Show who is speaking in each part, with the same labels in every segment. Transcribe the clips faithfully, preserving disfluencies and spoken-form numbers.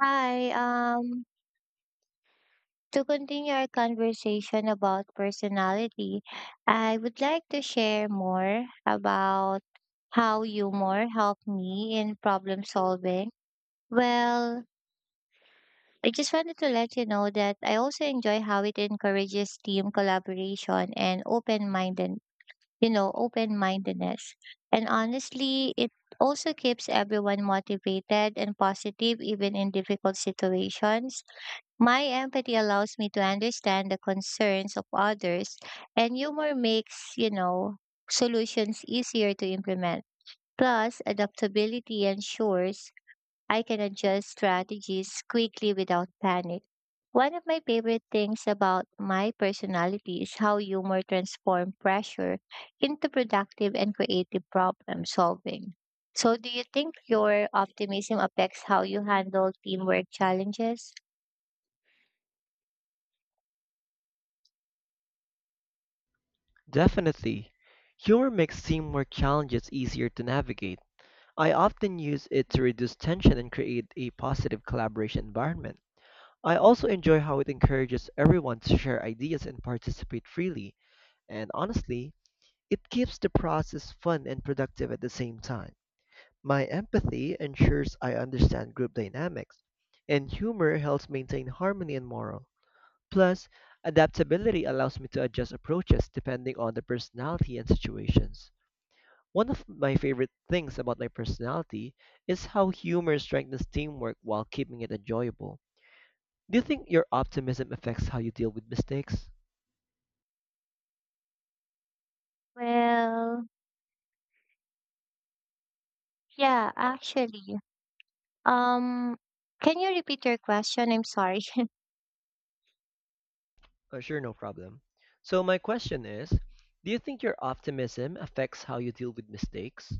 Speaker 1: Hi, um, to continue our conversation about personality, I would like to share more about how humor helped me in problem solving. Well, I just wanted to let you know that I also enjoy how it encourages team collaboration and open-minded, you know, open-mindedness. And honestly, it also keeps everyone motivated and positive even in difficult situations. My empathy allows me to understand the concerns of others, and humor makes, you know, solutions easier to implement. Plus, adaptability ensures I can adjust strategies quickly without panic. One of my favorite things about my personality is how humor transforms pressure into productive and creative problem solving. So, do you think your optimism affects how you handle teamwork challenges?
Speaker 2: Definitely. Humor makes teamwork challenges easier to navigate. I often use it to reduce tension and create a positive collaboration environment. I also enjoy how it encourages everyone to share ideas and participate freely, and honestly, it keeps the process fun and productive at the same time. My empathy ensures I understand group dynamics, and humor helps maintain harmony and morale. Plus, adaptability allows me to adjust approaches depending on the personality and situations. One of my favorite things about my personality is how humor strengthens teamwork while keeping it enjoyable. Do you think your optimism affects how you deal with mistakes?
Speaker 1: Well, yeah, actually. Um, can you repeat your question? I'm sorry.
Speaker 2: Uh, sure, no problem. So, my question is, do you think your optimism affects how you deal with mistakes?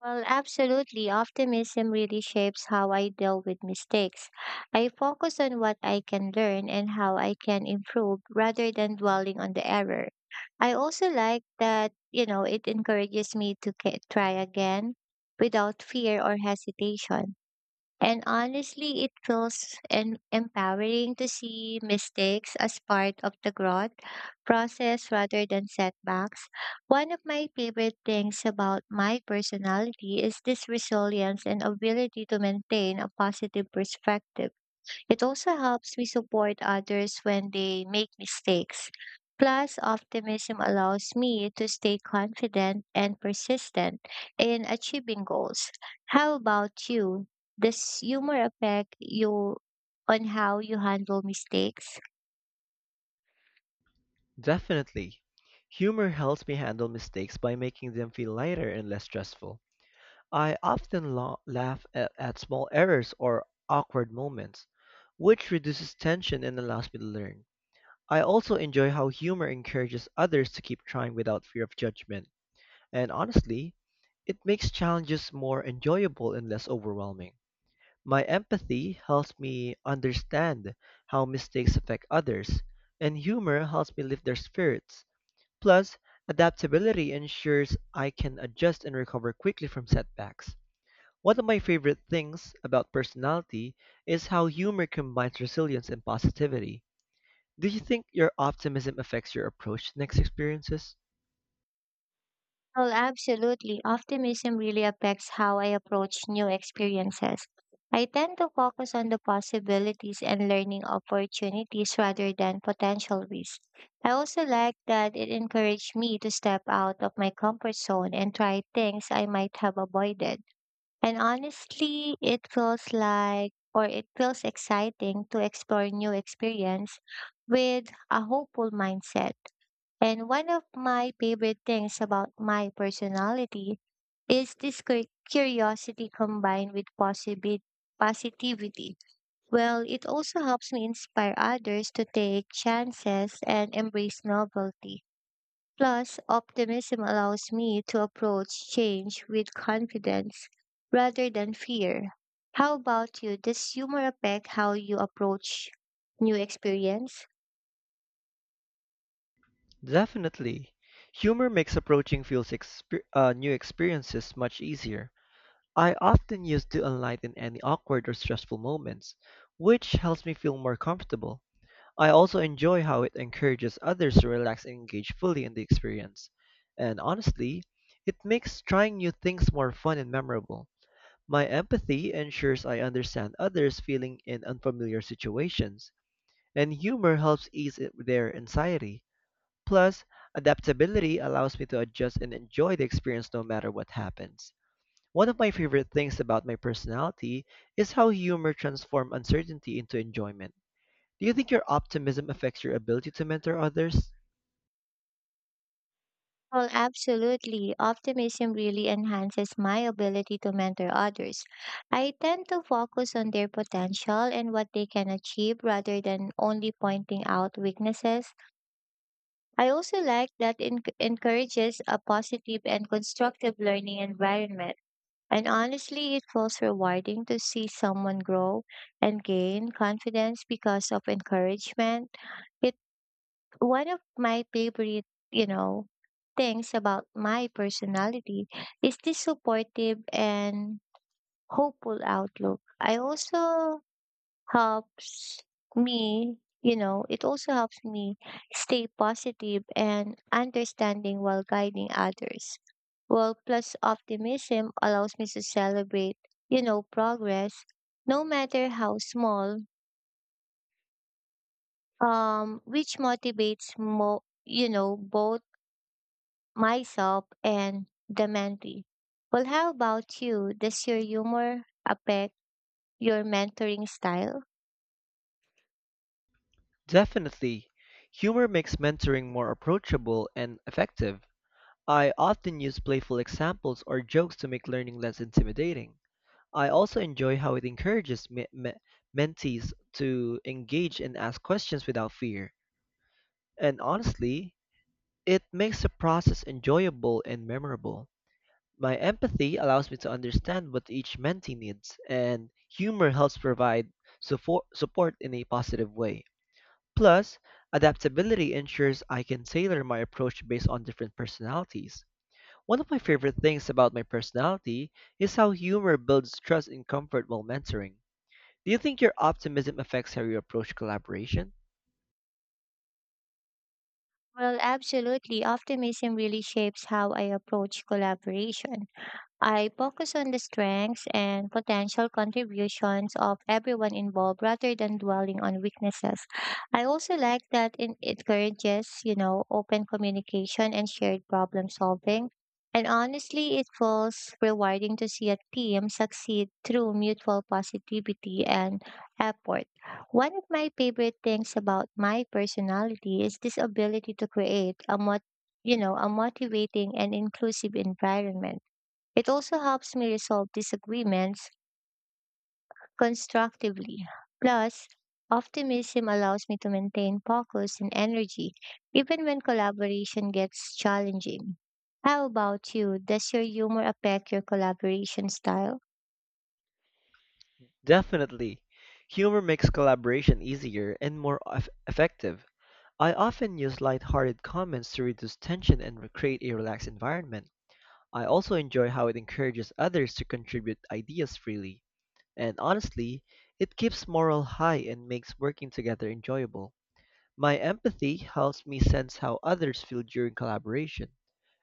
Speaker 1: Well, absolutely. Optimism really shapes how I deal with mistakes. I focus on what I can learn and how I can improve rather than dwelling on the error. I also like that, you know, it encourages me to ca- try again without fear or hesitation. And honestly, it feels en- empowering to see mistakes as part of the growth process rather than setbacks. One of my favorite things about my personality is this resilience and ability to maintain a positive perspective. It also helps me support others when they make mistakes. Plus, optimism allows me to stay confident and persistent in achieving goals. How about you? Does humor affect you on how you handle mistakes?
Speaker 2: Definitely. Humor helps me handle mistakes by making them feel lighter and less stressful. I often la- laugh at, at small errors or awkward moments, which reduces tension and allows me to learn. I also enjoy how humor encourages others to keep trying without fear of judgment, and honestly, it makes challenges more enjoyable and less overwhelming. My empathy helps me understand how mistakes affect others, and humor helps me lift their spirits. Plus, adaptability ensures I can adjust and recover quickly from setbacks. One of my favorite things about personality is how humor combines resilience and positivity. Do you think your optimism affects your approach to next experiences?
Speaker 1: Oh, absolutely. Optimism really affects how I approach new experiences. I tend to focus on the possibilities and learning opportunities rather than potential risks. I also like that it encouraged me to step out of my comfort zone and try things I might have avoided. And honestly, it feels like or it feels exciting to explore new experience with a hopeful mindset. And one of my favorite things about my personality is this cur- curiosity combined with possibi- positivity. Well, it also helps me inspire others to take chances and embrace novelty. Plus, optimism allows me to approach change with confidence rather than fear. How about you? Does humor affect how you approach new experience?
Speaker 2: Definitely. Humor makes approaching feels exper- uh, new experiences much easier. I often use to enlighten any awkward or stressful moments, which helps me feel more comfortable. I also enjoy how it encourages others to relax and engage fully in the experience. And honestly, it makes trying new things more fun and memorable. My empathy ensures I understand others feeling in unfamiliar situations and humor helps ease it- their anxiety. Plus, adaptability allows me to adjust and enjoy the experience no matter what happens. One of my favorite things about my personality is how humor transforms uncertainty into enjoyment. Do you think your optimism affects your ability to mentor others?
Speaker 1: Well, absolutely. Optimism really enhances my ability to mentor others. I tend to focus on their potential and what they can achieve rather than only pointing out weaknesses. I also like that it encourages a positive and constructive learning environment. And honestly, it feels rewarding to see someone grow and gain confidence because of encouragement. It One of my favorite, you know, things about my personality is this supportive and hopeful outlook. I also helps me, you know, It also helps me stay positive and understanding while guiding others. Well, plus optimism allows me to celebrate, you know, progress, no matter how small, um, which motivates mo you know both myself and the mentee. Well, how about you? Does your humor affect your mentoring style?
Speaker 2: Definitely. Humor makes mentoring more approachable and effective. I often use playful examples or jokes to make learning less intimidating. I also enjoy how it encourages me- me- mentees to engage and ask questions without fear. And honestly, it makes the process enjoyable and memorable. My empathy allows me to understand what each mentee needs, and humor helps provide support support in a positive way. Plus, adaptability ensures I can tailor my approach based on different personalities. One of my favorite things about my personality is how humor builds trust and comfort while mentoring. Do you think your optimism affects how you approach collaboration?
Speaker 1: Well, absolutely. Optimism really shapes how I approach collaboration. I focus on the strengths and potential contributions of everyone involved rather than dwelling on weaknesses. I also like that it encourages, you know, open communication and shared problem solving. And honestly, it feels rewarding to see a team succeed through mutual positivity and effort. One of my favorite things about my personality is this ability to create a mot- you know, a motivating and inclusive environment. It also helps me resolve disagreements constructively. Plus, optimism allows me to maintain focus and energy even when collaboration gets challenging. How about you? Does your humor affect your collaboration style?
Speaker 2: Definitely. Humor makes collaboration easier and more eff- effective. I often use lighthearted comments to reduce tension and create a relaxed environment. I also enjoy how it encourages others to contribute ideas freely. And honestly, it keeps morale high and makes working together enjoyable. My empathy helps me sense how others feel during collaboration,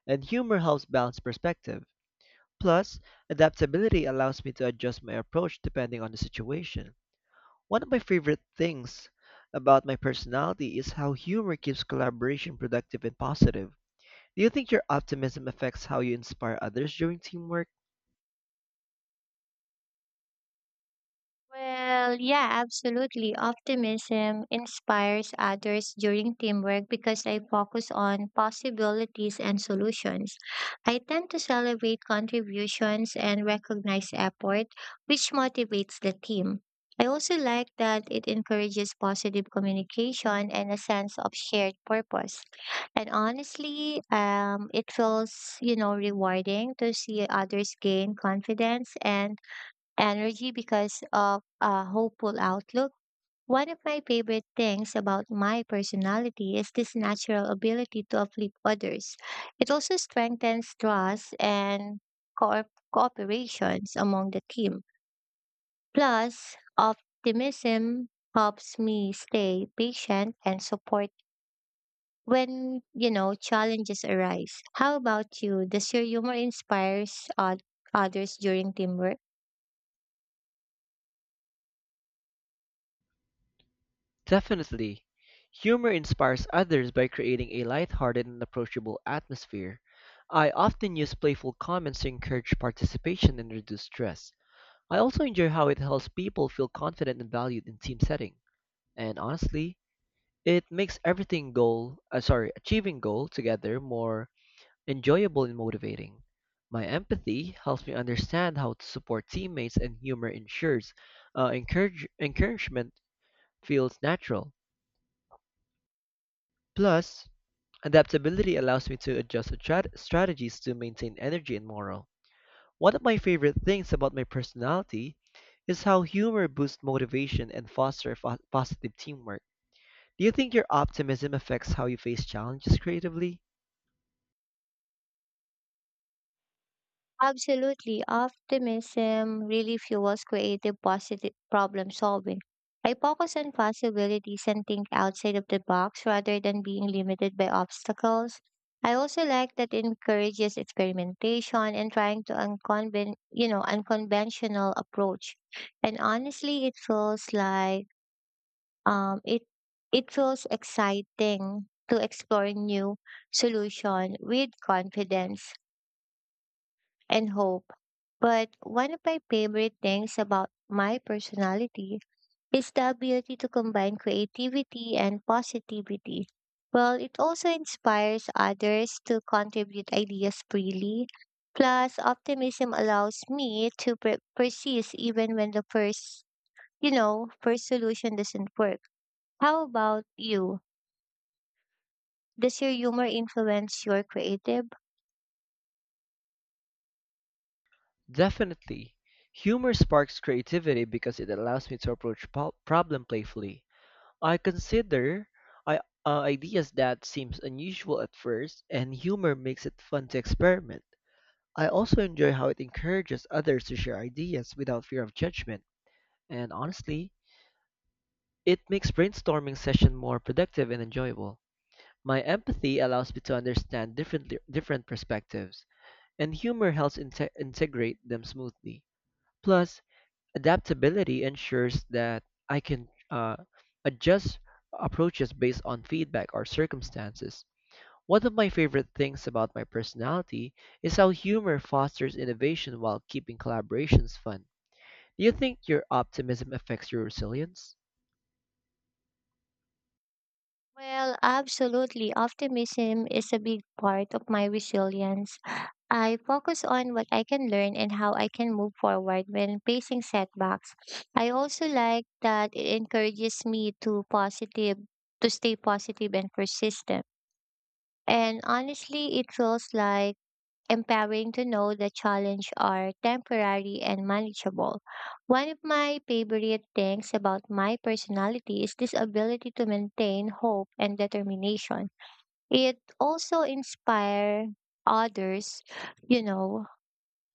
Speaker 2: and humor helps balance perspective. Plus, adaptability allows me to adjust my approach depending on the situation. One of my favorite things about my personality is how humor keeps collaboration productive and positive. Do you think your optimism affects how you inspire others during teamwork?
Speaker 1: Well, yeah, absolutely. Optimism inspires others during teamwork because I focus on possibilities and solutions. I tend to celebrate contributions and recognize effort, which motivates the team. I also like that it encourages positive communication and a sense of shared purpose. And honestly, um, it feels, you know, rewarding to see others gain confidence and energy because of a hopeful outlook. One of my favorite things about my personality is this natural ability to uplift others. It also strengthens trust and co- cooperations among the team. Plus, optimism helps me stay patient and support when you know challenges arise. How about you? Does your humor inspires oth- others during teamwork?
Speaker 2: Definitely. Humor inspires others by creating a lighthearted and approachable atmosphere. I often use playful comments to encourage participation and reduce stress. I also enjoy how it helps people feel confident and valued in team setting. And honestly, it makes everything goal, uh, sorry, achieving goal together more enjoyable and motivating. My empathy helps me understand how to support teammates and humor ensures uh, encourage, encouragement feels natural. Plus, adaptability allows me to adjust strat- strategies to maintain energy and morale. One of my favorite things about my personality is how humor boosts motivation and fosters fo- positive teamwork. Do you think your optimism affects how you face challenges creatively?
Speaker 1: Absolutely. Optimism really fuels creative positive problem solving. I focus on possibilities and think outside of the box rather than being limited by obstacles. I also like that it encourages experimentation and trying to unconven- you know, unconventional approach. And honestly, it feels like um it it feels exciting to explore new solution with confidence and hope. But one of my favorite things about my personality is the ability to combine creativity and positivity. Well, it also inspires others to contribute ideas freely. Plus, optimism allows me to per- persist even when the first, you know, first solution doesn't work. How about you? Does your humor influence your creative?
Speaker 2: Definitely. Humor sparks creativity because it allows me to approach po- problem playfully. I consider I, uh, ideas that seems unusual at first, and humor makes it fun to experiment. I also enjoy how it encourages others to share ideas without fear of judgment, and honestly, it makes brainstorming session more productive and enjoyable. My empathy allows me to understand different different perspectives, and humor helps inte- integrate them smoothly. Plus, adaptability ensures that I can uh, adjust approaches based on feedback or circumstances. One of my favorite things about my personality is how humor fosters innovation while keeping collaborations fun. Do you think your optimism affects your resilience?
Speaker 1: Well, absolutely. Optimism is a big part of my resilience. I focus on what I can learn and how I can move forward when facing setbacks. I also like that it encourages me to positive to stay positive and persistent. And honestly, it feels like empowering to know the challenge are temporary and manageable. One of my favorite things about my personality is this ability to maintain hope and determination. It also inspires others, you know,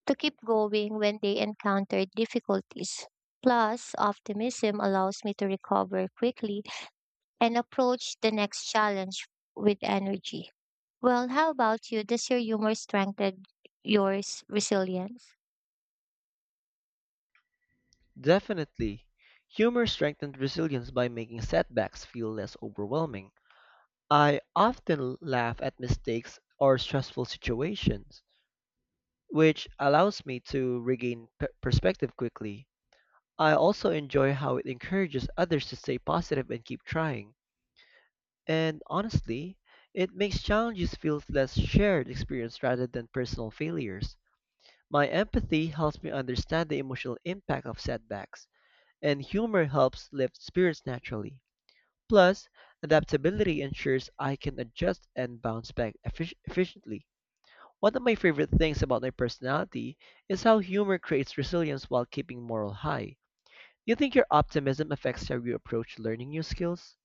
Speaker 1: to keep going when they encounter difficulties. Plus, optimism allows me to recover quickly and approach the next challenge with energy. Well, how about you? Does your humor strengthen your s- resilience?
Speaker 2: Definitely. Humor strengthens resilience by making setbacks feel less overwhelming. I often laugh at mistakes or stressful situations which allows me to regain p- perspective quickly. I also enjoy how it encourages others to stay positive and keep trying. And honestly, it makes challenges feel less shared experience rather than personal failures. My empathy helps me understand the emotional impact of setbacks, and humor helps lift spirits naturally. Plus, adaptability ensures I can adjust and bounce back effic- efficiently. One of my favorite things about my personality is how humor creates resilience while keeping morale high. Do you think your optimism affects how you approach learning new skills?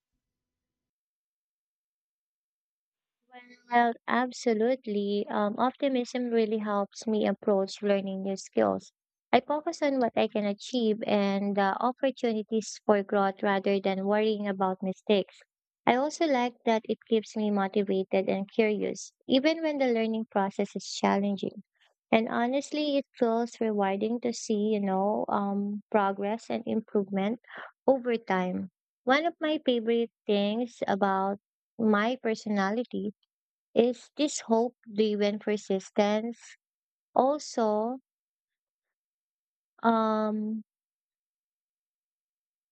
Speaker 1: Well, absolutely. Um, optimism really helps me approach learning new skills. I focus on what I can achieve and the opportunities for growth rather than worrying about mistakes. I also like that it keeps me motivated and curious, even when the learning process is challenging. And honestly, it feels rewarding to see, you know, um, progress and improvement over time. One of my favorite things about my personality is this hope driven persistence. Also, um,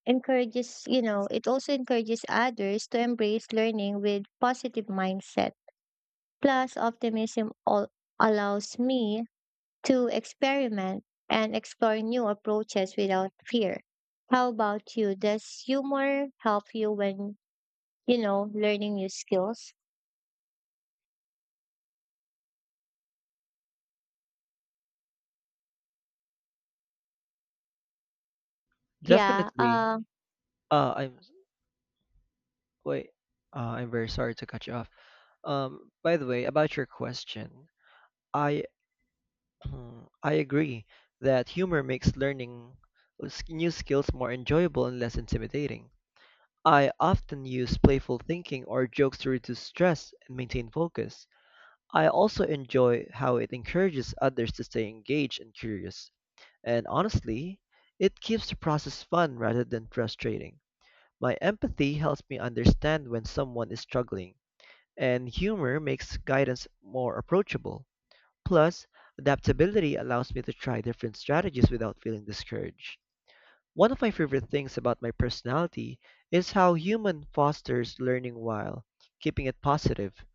Speaker 1: encourages, you know, It also encourages others to embrace learning with positive mindset. Plus, optimism all allows me to experiment and explore new approaches without fear. How about you? Does humor help you when, you know, learning new skills? Yeah.
Speaker 2: Definitely.
Speaker 1: Um,
Speaker 2: Uh, I'm wait. Uh, I'm very sorry to cut you off. Um, by the way, about your question, I I agree that humor makes learning s- new skills more enjoyable and less intimidating. I often use playful thinking or jokes to reduce stress and maintain focus. I also enjoy how it encourages others to stay engaged and curious. And honestly, it keeps the process fun rather than frustrating. My empathy helps me understand when someone is struggling, and humor makes guidance more approachable. Plus, adaptability allows me to try different strategies without feeling discouraged. One of my favorite things about my personality is how human fosters learning while keeping it positive. Do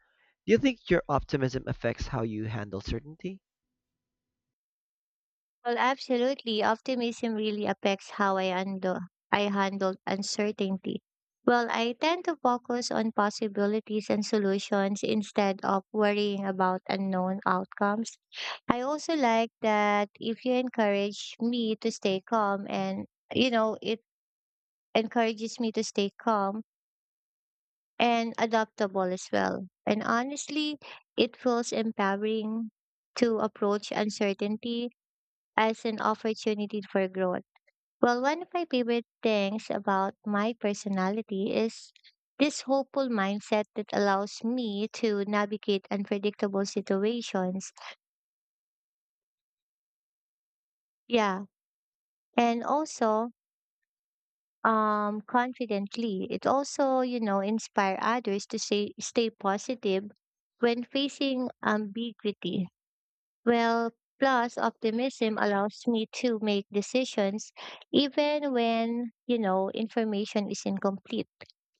Speaker 2: you think your optimism affects how you handle certainty?
Speaker 1: Well, absolutely. Optimism really affects how I handle I handle uncertainty. Well, I tend to focus on possibilities and solutions instead of worrying about unknown outcomes. I also like that if you encourage me to stay calm and you know, It encourages me to stay calm and adaptable as well. And honestly, it feels empowering to approach uncertainty as an opportunity for growth. Well, one of my favorite things about my personality is this hopeful mindset that allows me to navigate unpredictable situations. Yeah. And also, um, confidently. It also, you know, inspire others to say, stay positive when facing ambiguity. Well, plus optimism allows me to make decisions even when, you know, information is incomplete.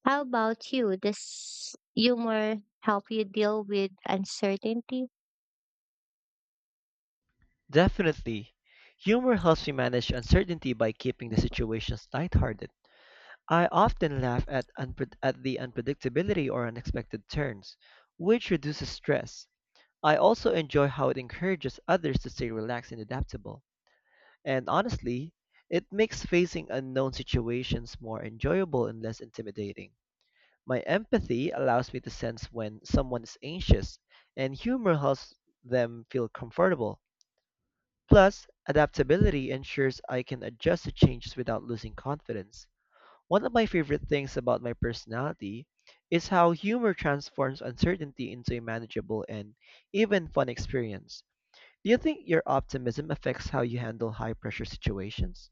Speaker 1: How about you? Does humor help you deal with uncertainty?
Speaker 2: Definitely. Humor helps me manage uncertainty by keeping the situations lighthearted. I often laugh at, unpre- at the unpredictability or unexpected turns, which reduces stress. I also enjoy how it encourages others to stay relaxed and adaptable. And honestly, it makes facing unknown situations more enjoyable and less intimidating. My empathy allows me to sense when someone is anxious, and humor helps them feel comfortable. Plus, adaptability ensures I can adjust to changes without losing confidence. One of my favorite things about my personality is how humor transforms uncertainty into a manageable and even fun experience. Do you think your optimism affects how you handle high pressure situations?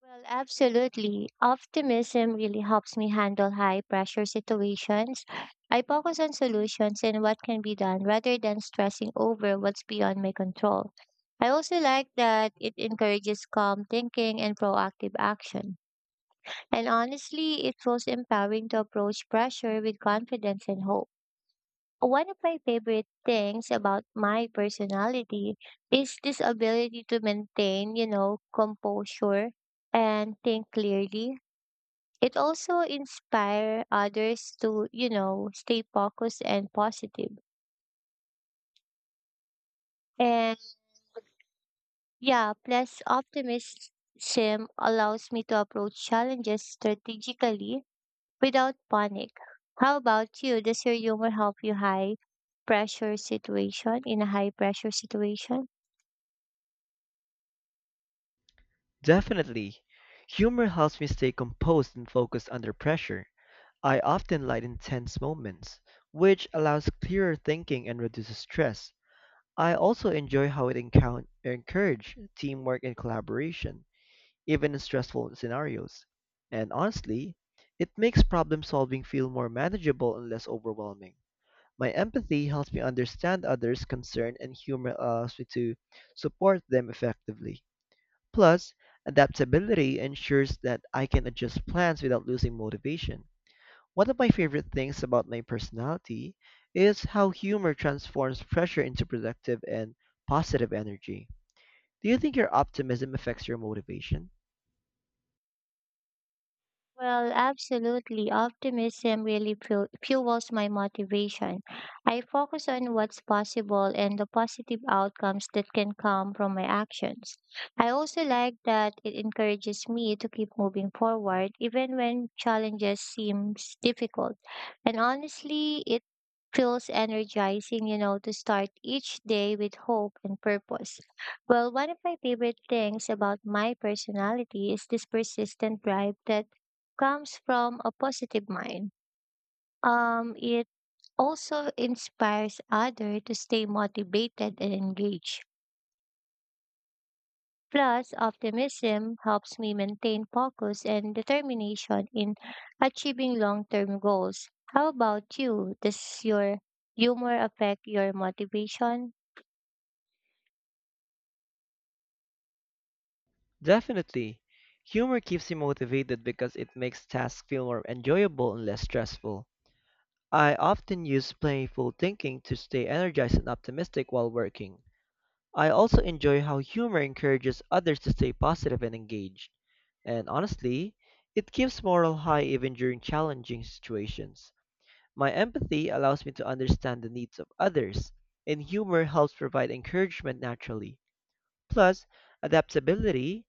Speaker 1: Well, absolutely. Optimism really helps me handle high pressure situations. I focus on solutions and what can be done rather than stressing over what's beyond my control. I also like that it encourages calm thinking and proactive action. And honestly, it feels empowering to approach pressure with confidence and hope. One of my favorite things about my personality is this ability to maintain, you know, composure and think clearly. It also inspire others to, you know, stay focused and positive. And yeah, plus optimism allows me to approach challenges strategically without panic. How about you? Does your humor help you high pressure situation in a high pressure situation?
Speaker 2: Definitely. Humor helps me stay composed and focused under pressure. I often lighten tense moments, which allows clearer thinking and reduces stress. I also enjoy how it encou- encourage teamwork and collaboration, even in stressful scenarios. And honestly, it makes problem solving feel more manageable and less overwhelming. My empathy helps me understand others' concern and humor allows me to support them effectively. Plus, adaptability ensures that I can adjust plans without losing motivation. One of my favorite things about my personality is how humor transforms pressure into productive and positive energy. Do you think your optimism affects your motivation?
Speaker 1: Well, absolutely. Optimism really fu- fuels my motivation. I focus on what's possible and the positive outcomes that can come from my actions. I also like that it encourages me to keep moving forward even when challenges seems difficult. And honestly, it feels energizing, you know, to start each day with hope and purpose. Well, one of my favorite things about my personality is this persistent drive that comes from a positive mind. Um, it also inspires others to stay motivated and engaged. Plus, optimism helps me maintain focus and determination in achieving long-term goals. How about you? Does your humor affect your motivation?
Speaker 2: Definitely. Humor keeps you motivated because it makes tasks feel more enjoyable and less stressful. I often use playful thinking to stay energized and optimistic while working. I also enjoy how humor encourages others to stay positive and engaged. And honestly, it keeps morale high even during challenging situations. My empathy allows me to understand the needs of others, and humor helps provide encouragement naturally. Plus, adaptability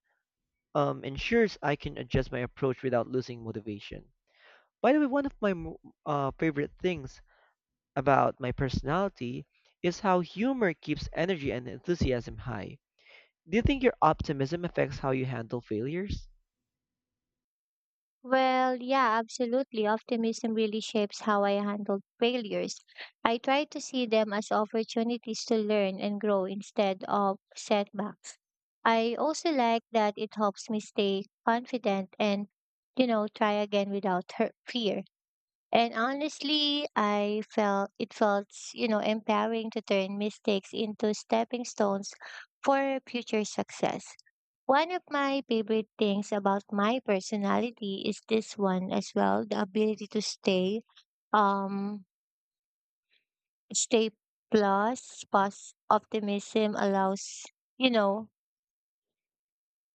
Speaker 2: um, ensures I can adjust my approach without losing motivation. By the way, one of my mo- uh, favorite things about my personality is how humor keeps energy and enthusiasm high. Do you think your optimism affects how you handle failures?
Speaker 1: Well, yeah, absolutely. Optimism really shapes how I handle failures. I try to see them as opportunities to learn and grow instead of setbacks. I also like that it helps me stay confident and, you know, try again without hurt, fear. And honestly, I felt it felt, you know, empowering to turn mistakes into stepping stones for future success. One of my favorite things about my personality is this one as well, the ability to stay um stay plus plus optimism allows, you know,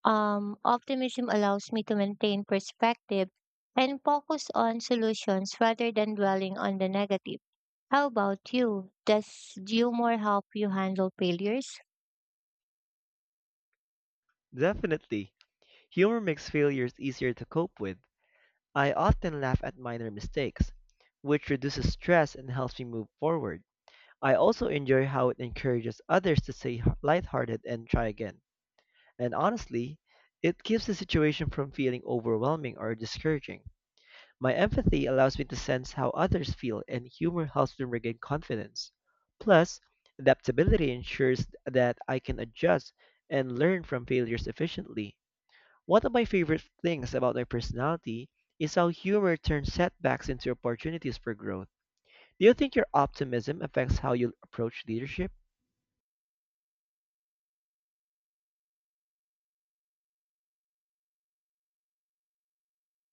Speaker 1: Um, optimism allows me to maintain perspective and focus on solutions rather than dwelling on the negative. How about you? Does humor help you handle failures?
Speaker 2: Definitely. Humor makes failures easier to cope with. I often laugh at minor mistakes, which reduces stress and helps me move forward. I also enjoy how it encourages others to stay h- lighthearted and try again. And honestly, it keeps the situation from feeling overwhelming or discouraging. My empathy allows me to sense how others feel, and humor helps them regain confidence. Plus, adaptability ensures that I can adjust and learn from failures efficiently. One of my favorite things about my personality is how humor turns setbacks into opportunities for growth. Do you think your optimism affects how you approach leadership?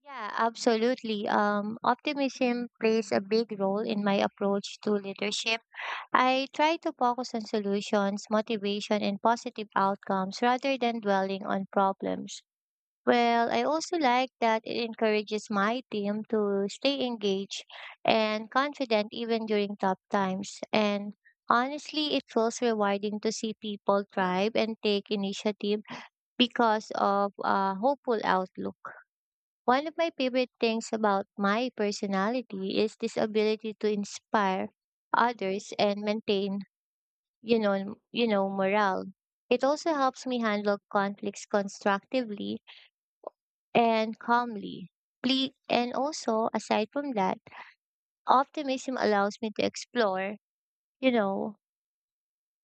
Speaker 1: Yeah, absolutely. Um, optimism plays a big role in my approach to leadership. I try to focus on solutions, motivation, and positive outcomes rather than dwelling on problems. Well, I also like that it encourages my team to stay engaged and confident even during tough times. And honestly, it feels rewarding to see people thrive and take initiative because of a hopeful outlook. One of my favorite things about my personality is this ability to inspire others and maintain, you know, you know, morale. It also helps me handle conflicts constructively and calmly. Please, and also, aside from that, optimism allows me to explore, you know,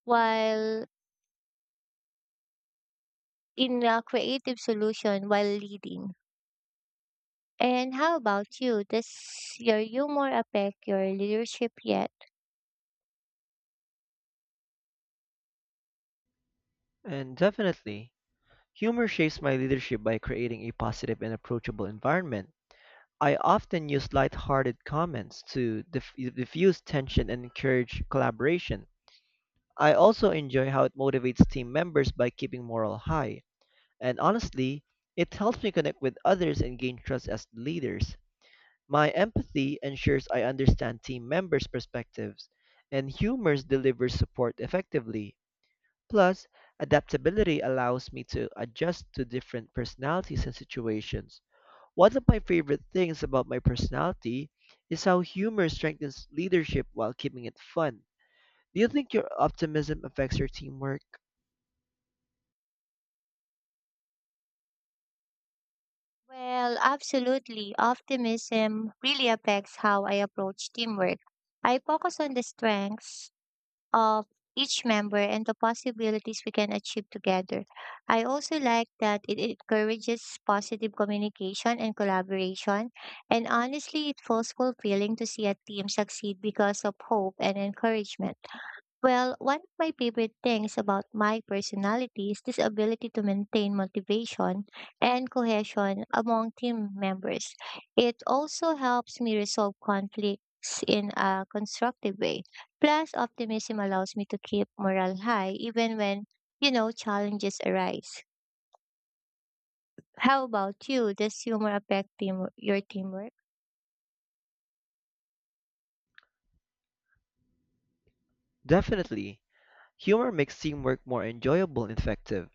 Speaker 1: while in a creative solution while leading. And how about you? Does your humor affect your leadership yet?
Speaker 2: And definitely, humor shapes my leadership by creating a positive and approachable environment. I often use lighthearted comments to dif- diffuse tension and encourage collaboration. I also enjoy how it motivates team members by keeping morale high. And honestly, it helps me connect with others and gain trust as leaders. My empathy ensures I understand team members' perspectives, and humor delivers support effectively. Plus, adaptability allows me to adjust to different personalities and situations. One of my favorite things about my personality is how humor strengthens leadership while keeping it fun. Do you think your optimism affects your teamwork?
Speaker 1: Well, absolutely. Optimism really affects how I approach teamwork. I focus on the strengths of each member and the possibilities we can achieve together. I also like that it encourages positive communication and collaboration. And honestly, it feels fulfilling to see a team succeed because of hope and encouragement. Well, one of my favorite things about my personality is this ability to maintain motivation and cohesion among team members. It also helps me resolve conflicts in a constructive way. Plus, optimism allows me to keep morale high even when, you know, challenges arise. How about you? Does humor affect team, your teamwork?
Speaker 2: Definitely. Humor makes teamwork more enjoyable and effective.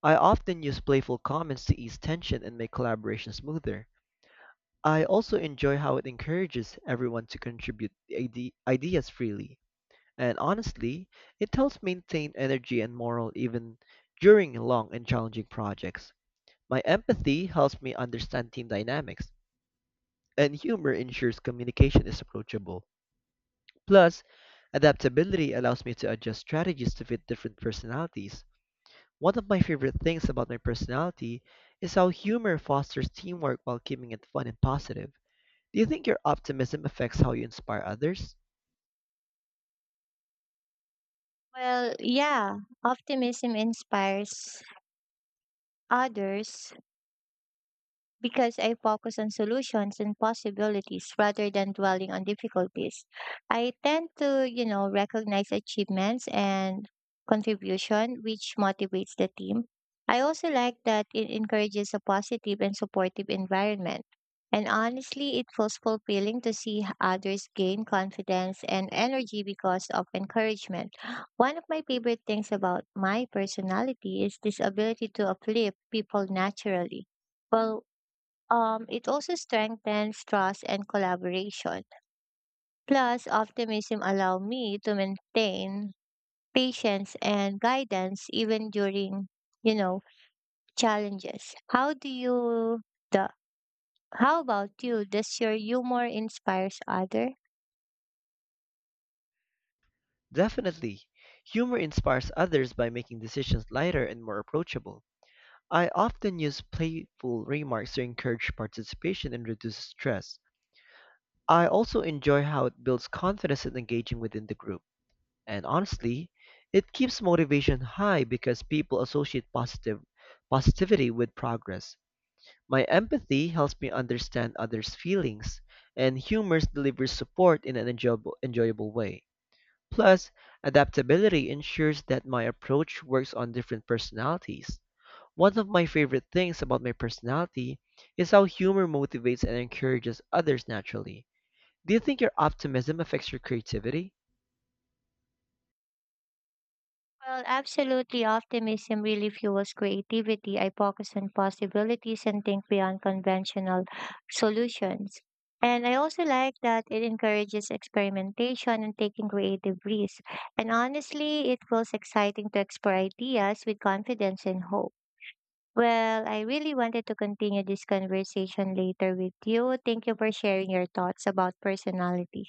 Speaker 2: I often use playful comments to ease tension and make collaboration smoother. I also enjoy how it encourages everyone to contribute ide- ideas freely. And honestly, it helps maintain energy and morale even during long and challenging projects. My empathy helps me understand team dynamics, and humor ensures communication is approachable. Plus, adaptability allows me to adjust strategies to fit different personalities. One of my favorite things about my personality is how humor fosters teamwork while keeping it fun and positive. Do you think your optimism affects how you inspire others?
Speaker 1: Well, yeah, optimism inspires others because I focus on solutions and possibilities rather than dwelling on difficulties. I tend to, you know, recognize achievements and contribution, which motivates the team. I also like that it encourages a positive and supportive environment. And honestly, it feels fulfilling to see h- others gain confidence and energy because of encouragement. One of my favorite things about my personality is this ability to uplift people naturally. Well, um, it also strengthens trust and collaboration. Plus, optimism allow me to maintain patience and guidance even during, you know, challenges. How do you the how about you? Does your humor inspires other?
Speaker 2: Definitely. Humor inspires others by making decisions lighter and more approachable. I often use playful remarks to encourage participation and reduce stress. I also enjoy how it builds confidence and engaging within the group. And honestly, it keeps motivation high because people associate positive positivity with progress. My empathy helps me understand others' feelings, and humor delivers support in an enjoyable, enjoyable way. Plus, adaptability ensures that my approach works on different personalities. One of my favorite things about my personality is how humor motivates and encourages others naturally. Do you think your optimism affects your creativity?
Speaker 1: Well, absolutely. Optimism really fuels creativity. I focus on possibilities and think beyond conventional solutions. And I also like that it encourages experimentation and taking creative risks. And honestly, it feels exciting to explore ideas with confidence and hope. Well, I really wanted to continue this conversation later with you. Thank you for sharing your thoughts about personality.